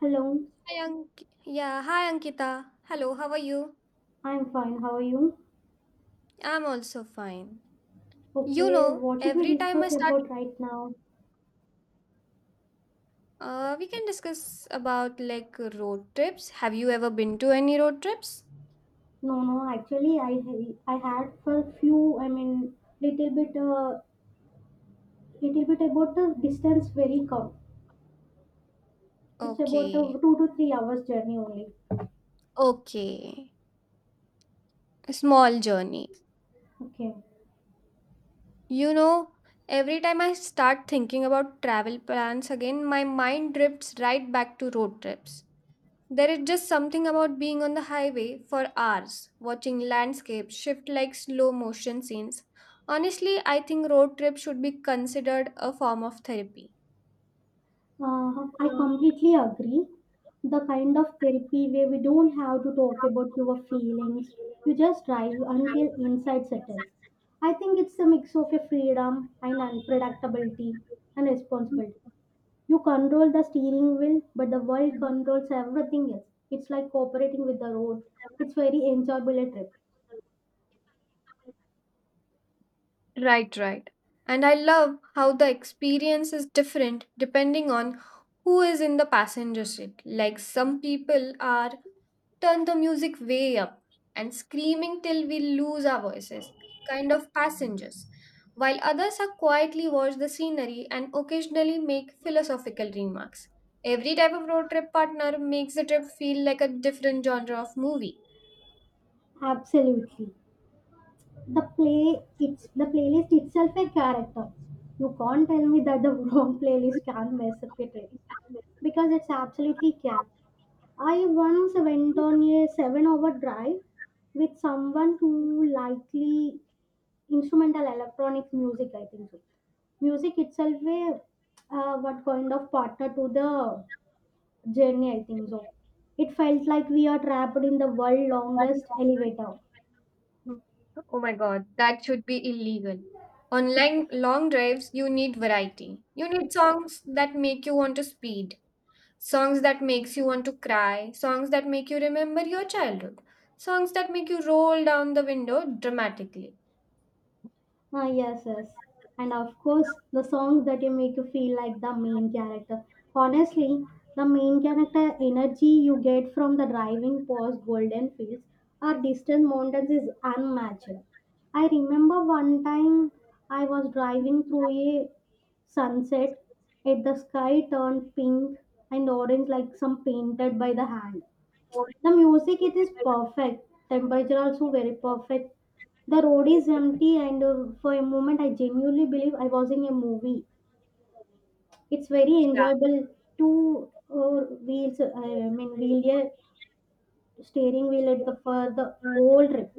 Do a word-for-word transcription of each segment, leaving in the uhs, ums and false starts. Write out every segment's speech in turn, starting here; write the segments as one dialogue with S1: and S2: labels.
S1: Hello,
S2: Hi, Ank- yeah, hi Ankita. Hello, how are you?
S1: I'm fine. How are you?
S2: I'm also fine. You
S1: Okay,
S2: know,
S1: what should we
S2: every time I
S1: discuss
S2: start,
S1: about right now?
S2: uh, we can discuss about like road trips. Have you ever been to any road trips?
S1: No, no, actually, I ha- I had for few, I mean, little bit, uh, little bit about the distance very come. It's about
S2: Okay,
S1: a two to three hours journey only.
S2: okay. A small journey.
S1: Okay.
S2: You know, every time I start thinking about travel plans again, my mind drifts right back to road trips. There is just something about being on the highway for hours, watching landscapes shift like slow motion scenes. Honestly, I think road trips should be considered a form of therapy.
S1: Uh, I completely agree. The kind of therapy where we don't have to talk about your feelings, you just drive until inside settles. I think it's a mix of a freedom and unpredictability and responsibility. You control the steering wheel, but the world controls everything else. It's like cooperating with the road. It's very enjoyable a trip.
S2: Right, right. And I love how the experience is different depending on who is in the passenger seat. Like some people are turn the music way up and screaming till we lose our voices, kind of passengers, while others are quietly watch the scenery and occasionally make philosophical remarks. Every type of road trip partner makes the trip feel like a different genre of movie.
S1: Absolutely. The play It's the playlist itself a character. You can't tell me that the wrong playlist can mess up a trip, because it's absolutely can. I once went on a seven hour drive with someone who likely instrumental electronic music, I think so. Music itself, a, uh, what kind of partner to the journey, I think so. It felt like we are trapped in the world
S2: One
S1: longest elevator.
S2: Hmm. Oh my God, that should be illegal. On lang- long drives, you need variety. You need songs that make you want to speed, songs that makes you want to cry, songs that make you remember your childhood, songs that make you roll down the window dramatically.
S1: Ah, yes, yes. And of course, the songs that you make you feel like the main character. Honestly, the main character energy you get from the driving past golden fields or distant mountains is unmatched. I remember one time I was driving through a sunset, and the sky turned pink and orange like some painted by the hand. The music it is perfect. Temperature also very perfect. The road is empty, and uh, for a moment, I genuinely believe I was in a movie. It's very enjoyable. Two uh, wheels, uh, I mean, wheel, yeah, steering wheel at the for the
S2: Yeah.
S1: whole trip.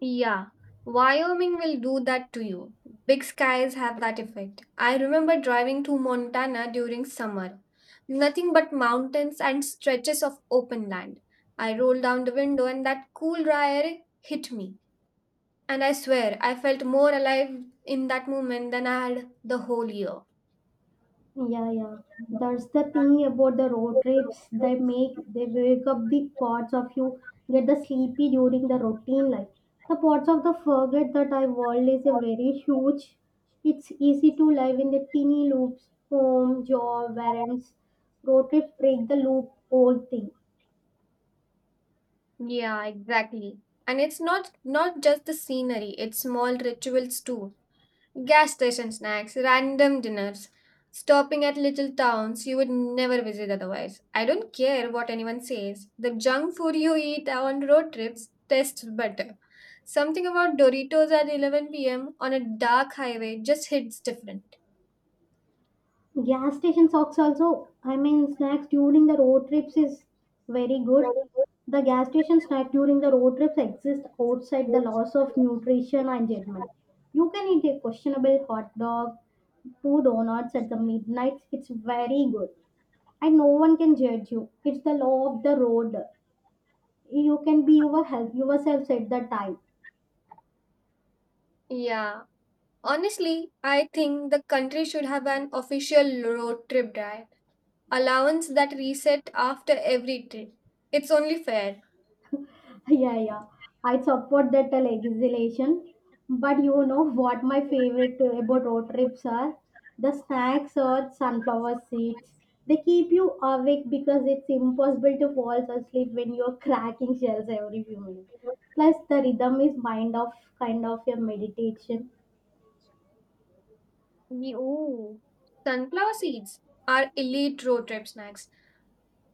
S2: Yeah, Wyoming will do that to you. Big skies have that effect. I remember driving to Montana during summer. Nothing but mountains and stretches of open land. I rolled down the window and that cool dry air hit me. And I swear, I felt more alive in that moment than I had the whole year.
S1: Yeah, yeah. That's the thing about the road trips. They make they wake up the parts of you get the sleepy during the routine life. The parts of the forget that our world is a very huge. It's easy to live in the teeny loops, home, job, errands. Road trips break the loop whole thing.
S2: Yeah, exactly. And it's not not just the scenery, it's small rituals too. Gas station snacks, random dinners, stopping at little towns you would never visit otherwise. I don't care what anyone says. The junk food you eat on road trips tastes better. Something about Doritos at eleven p m on a dark highway just hits different.
S1: Gas station socks also, I mean, snacks during the road trips is very good. The gas station snack during the road trips exist outside the loss of nutrition and judgment. You can eat a questionable hot dog, two donuts at the midnight. It's very good, and no one can judge you. It's the law of the road. You can be your help yourself at the time.
S2: Yeah. Honestly, I think the country should have an official road trip drive allowance that reset after every trip. It's only fair.
S1: Yeah, yeah. I support that uh, legislation. But you know what my favorite uh, about road trips are? The snacks or sunflower seeds. They keep you awake because it's impossible to fall asleep when you're cracking shells every few minutes. Plus, the rhythm is mind of kind of a meditation.
S2: Me- Ooh. Sunflower seeds are elite road trip snacks.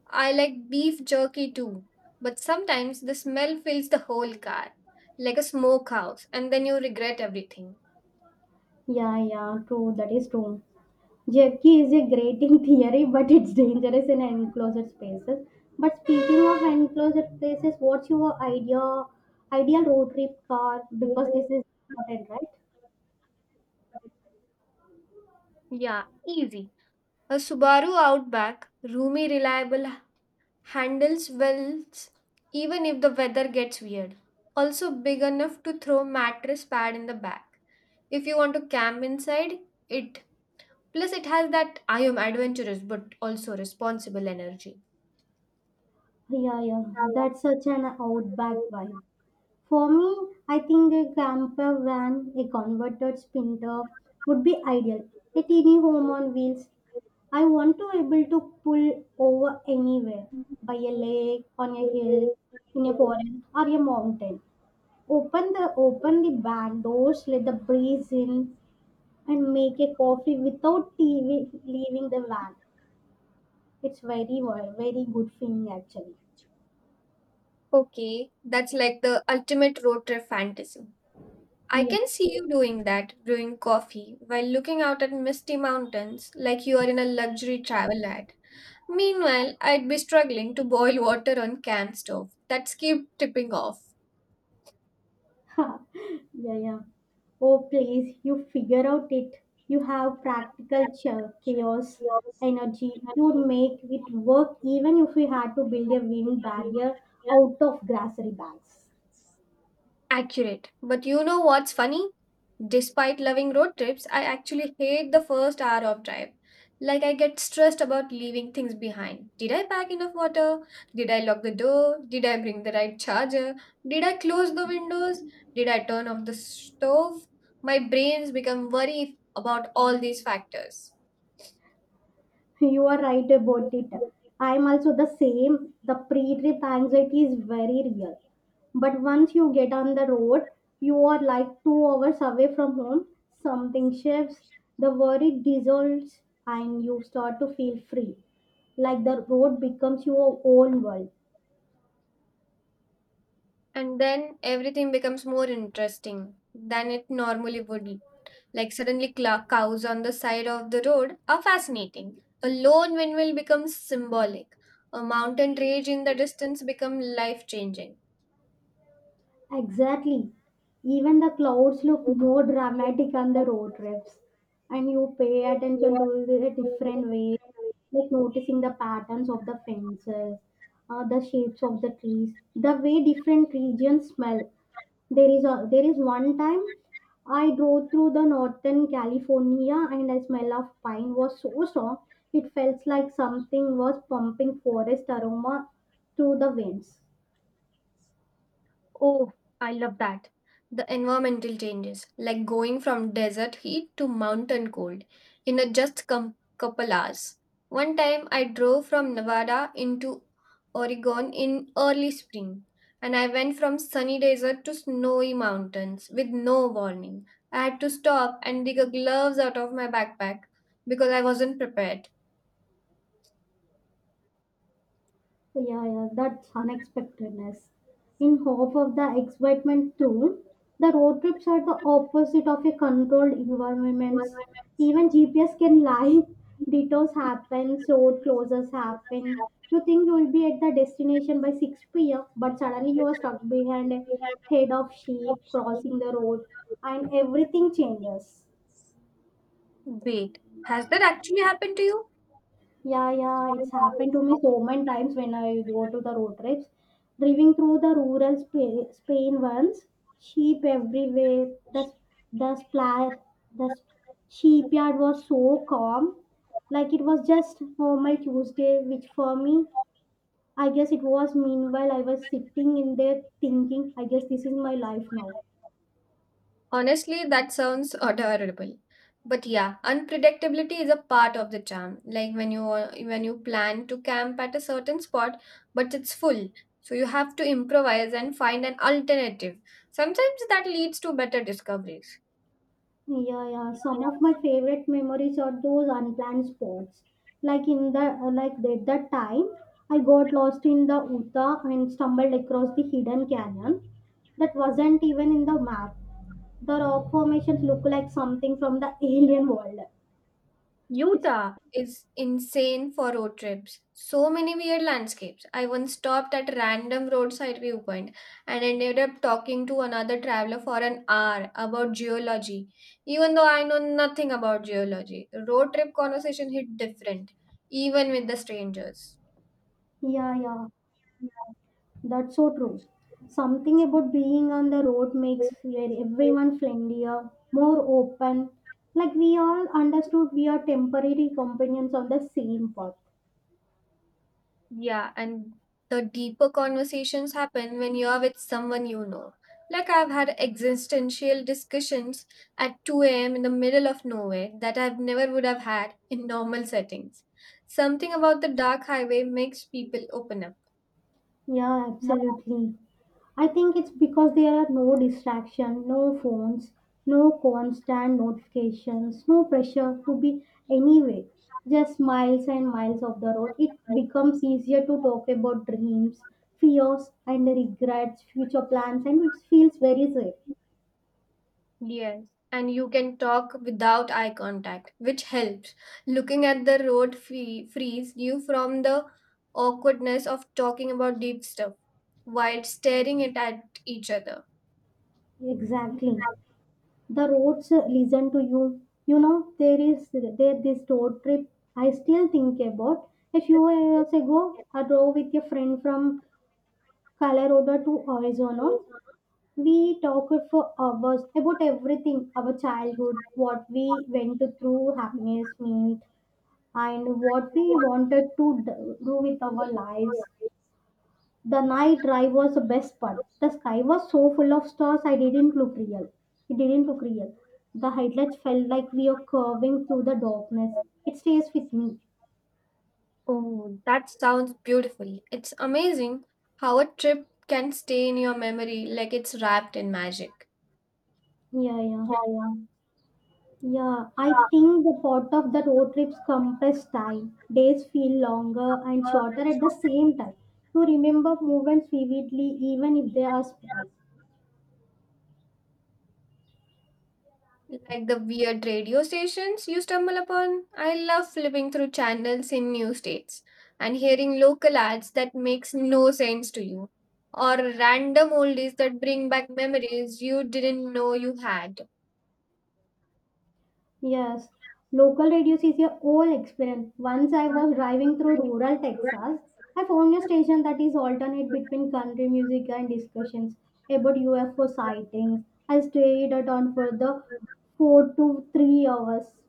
S2: I like beef jerky too, but sometimes the smell fills the whole car like a smokehouse, and then you regret everything.
S1: Yeah, yeah, true. That is true. Jerky is a great in theory, but it's dangerous in enclosed spaces. But speaking of enclosed places, what's your idea ideal road trip car? Because this is important, right?
S2: Yeah, easy. A Subaru Outback, roomy, reliable, handles wells even if the weather gets weird. Also big enough to throw mattress pad in the back. If you want to camp inside, it plus it has that I am adventurous but also responsible energy.
S1: Yeah, yeah. That's such an outback vibe. For me, I think a camper van, a converted sprinter would be ideal. A teeny home on wheels. I want to able to pull over anywhere, by a lake, on a hill, in a forest, or a mountain. Open the open the back doors, let the breeze in, and make a coffee without T V leaving the van. It's very wo- very good feeling actually.
S2: Okay, that's like the ultimate road trip fantasy. I
S1: Yeah,
S2: can see you doing that, brewing coffee while looking out at misty mountains like you are in a luxury travel ad. Meanwhile, I'd be struggling to boil water on can stove. That's keep tipping off.
S1: yeah, yeah. Oh please, you figure out it. You have practical cha- chaos energy. You would make it work even if we had to build a wind barrier out of grocery bags.
S2: Accurate. But you know what's funny? Despite loving road trips, I actually hate the first hour of drive. Like I get stressed about leaving things behind. Did I pack enough water? Did I lock the door? Did I bring the right charger? Did I close the windows? Did I turn off the stove? My brains become worried about all these factors.
S1: You are right about it. I am also the same. The pre trip anxiety is very real. But once you get on the road, you are like two hours away from home. Something shifts, the worry dissolves, and you start to feel free. Like the road becomes your own world.
S2: And then everything becomes more interesting than it normally would, like suddenly cla- cows on the side of the road, are fascinating. A lone windmill becomes symbolic. A mountain range in the distance becomes life changing.
S1: Exactly. Even the clouds look more dramatic on the road trips, and you pay attention to the different ways, like noticing the patterns of the fences, uh, the shapes of the trees, the way different regions smell. There is a there is one time I drove through the northern California, and the smell of pine was so strong it felt like something was pumping forest aroma through the winds.
S2: Oh, I love that. The environmental changes, like going from desert heat to mountain cold in a just com- couple hours. One time I drove from Nevada into Oregon in early spring, and I went from sunny desert to snowy mountains with no warning. I had to stop and dig a gloves out of my backpack because I wasn't prepared.
S1: So, yeah, yeah, that's unexpectedness. In hope of the excitement through, the road trips are the opposite of a controlled environments. Even G P S can lie. Detours happen, road closures happen. You think you will be at the destination by six p m, but suddenly you are stuck behind a head of sheep crossing the road, and everything changes.
S2: Wait, has that actually happened to you?
S1: Yeah, yeah, it's happened to me so many times when I go to the road trips. Driving through the rural Spa- Spain once, sheep everywhere. The s- the spla the s- sheepyard was so calm, like it was just normal Tuesday. Which for me, I guess it was. Meanwhile, I was sitting in there thinking, I guess this is my life now.
S2: Honestly, that sounds adorable. But yeah, unpredictability is a part of the charm. Like when you are- when you plan to camp at a certain spot, but it's full. So you have to improvise and find an alternative. Sometimes that leads to better discoveries.
S1: Yeah, yeah. Some of my favorite memories are those unplanned spots. Like in the uh, like at that time, I got lost in the Utah and stumbled across the hidden canyon that wasn't even in the map. The rock formations look like something from the alien world. It's
S2: Utah is insane for road trips. So many weird landscapes. I once stopped at random roadside viewpoint and ended up talking to another traveler for an hour about geology. Even though I know nothing about geology, road trip conversation hit different, even with the strangers.
S1: Yeah, yeah. That's so true. Something about being on the road makes where everyone friendlier, more open. Like we all understood we are temporary companions on the same path.
S2: Yeah, and the deeper conversations happen when you're with someone you know. Like I've had existential discussions at two a m in the middle of nowhere that I never would have had in normal settings. Something about the dark highway makes people open up.
S1: Yeah, absolutely. I think it's because there are no distraction, no phones, no constant notifications, no pressure to be anywhere. Just miles and miles of the road. It becomes easier to talk about dreams, fears, and regrets, future plans, and it feels very safe.
S2: Yes. And you can talk without eye contact, which helps. Looking at the road free- frees you from the awkwardness of talking about deep stuff while staring it at each other.
S1: Exactly. The roads uh, listen to you. You know, there is there this road trip I still think about. A few years ago, I drove with a friend from Colorado to Arizona. We talked for hours about everything our childhood, what we went through, happiness, meet, and what we wanted to d- do with our lives. The night drive was the best part. The sky was so full of stars, I didn't look real. It didn't look real. The headlights felt like we are curving through the darkness. It stays with me.
S2: Oh, that sounds beautiful. It's amazing how a trip can stay in your memory like it's wrapped in magic.
S1: Yeah, yeah.
S2: Yeah,
S1: Yeah, I think the part of the road trips compress time. Days feel longer and shorter at the same time. You remember moments vividly, even if they are small.
S2: yeah. Like the weird radio stations you stumble upon. I love flipping through channels in new states and hearing local ads that makes no sense to you or random oldies that bring back memories you didn't know you had.
S1: Yes, local radios is a whole experience. Once I was driving through rural Texas, I found a station that is alternate between country music and discussions about U F O sightings. I stayed at on for the four to three hours.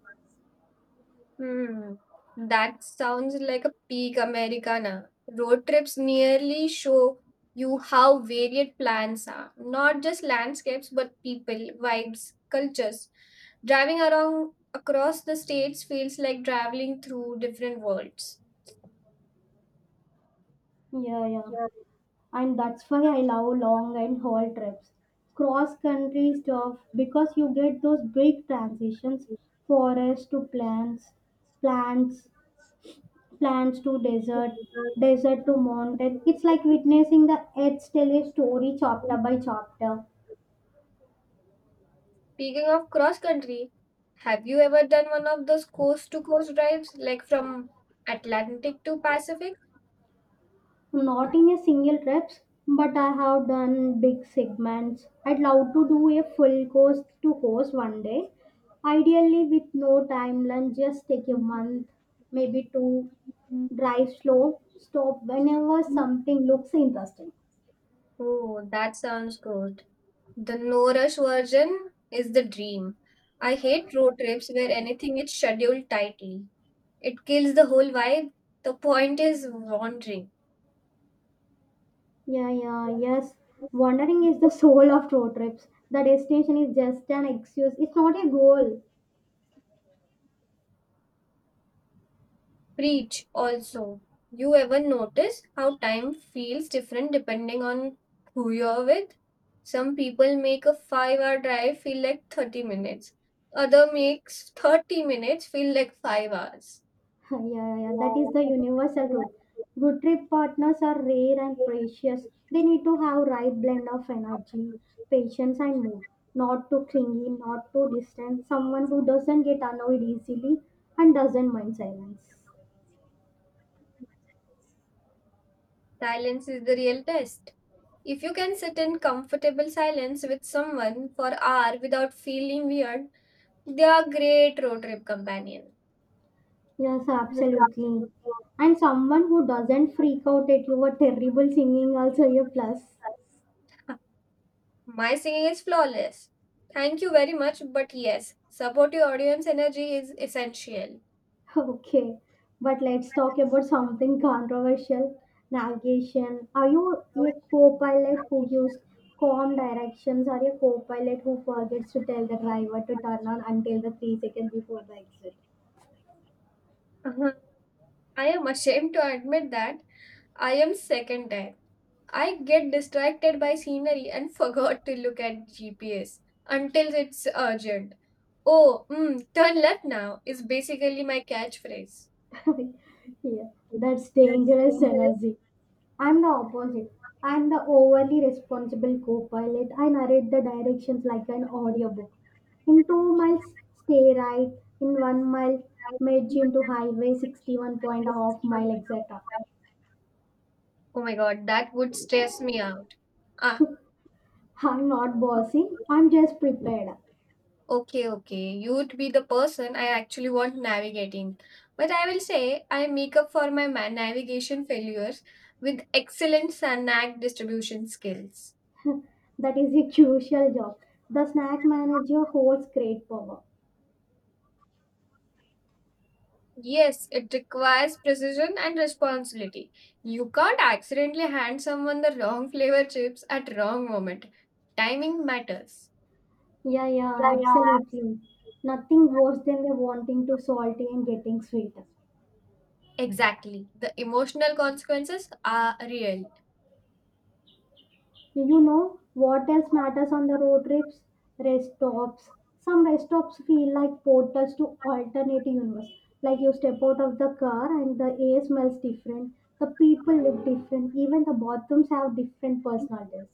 S2: Hmm, that sounds like a peak Americana. Road trips nearly show you how varied plans are, not just landscapes, but people, vibes, cultures. Driving around across the states feels like traveling through different worlds.
S1: Yeah, yeah. And that's why I love long and haul trips. Cross country stuff because you get those big transitions forest to plants, plants, plants to desert, desert to mountain. It's like witnessing the earth tell a story chapter by chapter.
S2: Speaking of cross country, have you ever done one of those coast to coast drives, like from Atlantic to Pacific?
S1: Not in a single trips, but I have done big segments. I'd love to do a full course to course one day. Ideally with no time lunch, just take a month, maybe two drive slow, stop whenever something looks interesting.
S2: Oh, that sounds good. The no rush version is the dream. I hate road trips where anything is scheduled tightly. It kills the whole vibe. The point is wandering.
S1: Yeah, yeah, yes. Wandering is the soul of road trips. The destination is just an excuse, it's not a goal.
S2: Preach also. You ever notice how time feels different depending on who you're with? Some people make a five hour drive feel like thirty minutes. Other makes thirty minutes feel like five hours.
S1: Yeah, yeah, yeah, that is the universal truth. Good trip partners are rare and precious. They need to have right blend of energy, patience, and mood. Not too clingy, not too distant. Someone who doesn't get annoyed easily and doesn't mind silence.
S2: Silence is the real test. If you can sit in comfortable silence with someone for hour without feeling weird, they are great road trip companion.
S1: Yes, absolutely. And someone who doesn't freak out at your terrible singing also a plus.
S2: My singing is flawless. Thank you very much, but yes, support your audience energy is essential.
S1: Okay, but let's talk about something controversial. Navigation. Are you a co-pilot who gives calm directions or a co-pilot who forgets to tell the driver to turn on until the three seconds before the exit?
S2: Uh-huh. I am ashamed to admit that I am second type. I get distracted by scenery and forgot to look at G P S until it's urgent. Oh, mm, turn left now is basically my catchphrase.
S1: Yeah, that's dangerous energy. I'm the opposite. I'm the overly responsible co pilot. I narrate the directions like an audiobook. In two miles, stay right. In one mile, merge into highway sixty-one point half mile, et cetera.
S2: Oh my God, that would stress me out. Ah,
S1: I'm not bossy. I'm just prepared.
S2: okay, okay. You'd be the person I actually want navigating. But I will say I make up for my ma- navigation failures with excellent snack distribution skills.
S1: That is a crucial job. The snack manager holds great power.
S2: Yes, it requires precision and responsibility. You can't accidentally hand someone the wrong flavor chips at wrong moment. Timing matters.
S1: Yeah, yeah, absolutely. Nothing worse than the wanting to salty and getting sweet.
S2: Exactly. The emotional consequences are real.
S1: You know what else matters on the road trips? Rest stops. Some rest stops feel like portals to alternate universe. Like you step out of the car and the air smells different, the people look different, even the bathrooms have different personalities.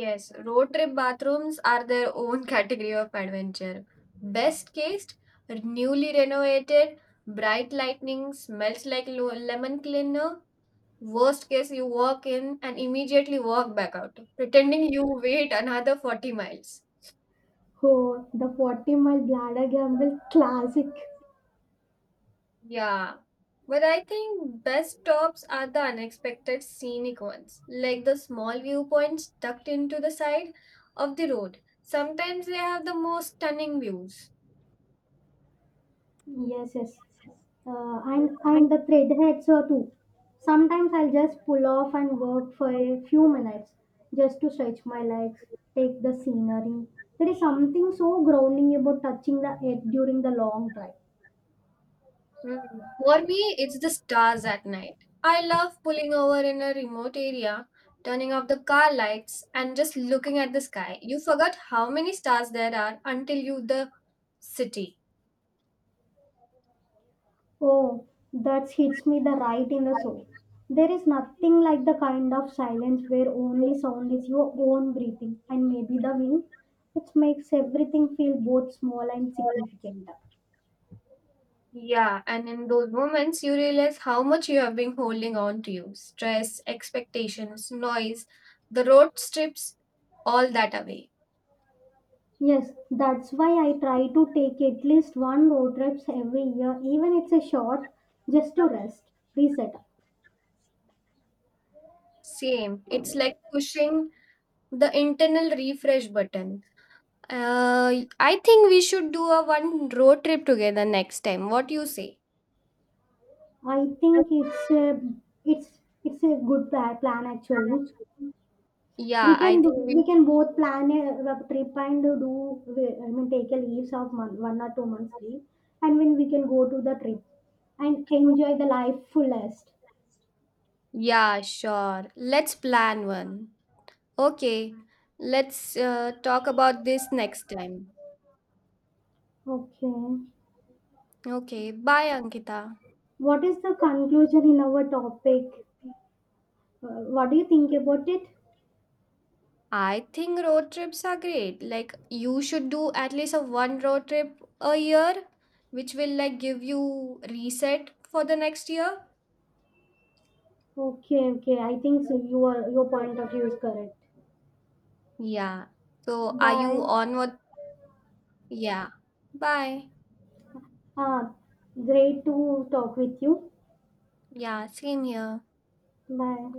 S2: Yes, road trip bathrooms are their own category of adventure. Best case, newly renovated, bright lightning, smells like lo- lemon cleaner. Worst case, you walk in and immediately walk back out, pretending you wait another forty miles.
S1: Oh, the forty mile bladder gamble classic.
S2: Yeah. But I think best stops are the unexpected scenic ones, like the small viewpoints tucked into the side of the road. Sometimes they have the most stunning views.
S1: Yes, yes. Uh, and and the threadheads uh, too. Sometimes I'll just pull off and work for a few minutes just to stretch my legs, take the scenery. There is something so grounding about touching the earth during the long drive.
S2: Mm. For me, it's the stars at night. I love pulling over in a remote area, turning off the car lights, and just looking at the sky. You forgot how many stars there are until you the city.
S1: Oh, that hits me the right in the soul. There is nothing like the kind of silence where only sound is your own breathing and maybe the wind. It makes everything feel both small and significant.
S2: Yeah, and in those moments, you realize how much you have been holding on to you. Stress, expectations, noise, the road strips all that away.
S1: Yes, that's why I try to take at least one road trips every year, even it's a short, just to rest, reset.
S2: Same. It's like pushing the internal refresh button. Uh, I think we should do a one road trip together next time. What you say?
S1: I think it's a, it's it's a good pla- plan actually.
S2: Yeah,
S1: We
S2: I
S1: can do,
S2: think we.
S1: we can both plan a, a trip and do I mean take a leaves of month, one or two months leave, and when we can go to the trip and enjoy the life fullest.
S2: Yeah, sure. Let's plan one. Okay, let's uh, talk about this next time.
S1: Okay,
S2: Okay, bye, Ankita.
S1: what is the conclusion in our topic? Uh, what do you think about it?
S2: I think road trips are great. Like you should do at least a one road trip a year, which will like give you reset for the next year.
S1: Okay, okay. I think so you your point of view is correct.
S2: Yeah. So are you
S1: Bye.
S2: on what? Yeah. Bye.
S1: Ah, great to talk with you.
S2: Yeah, same here.
S1: Bye.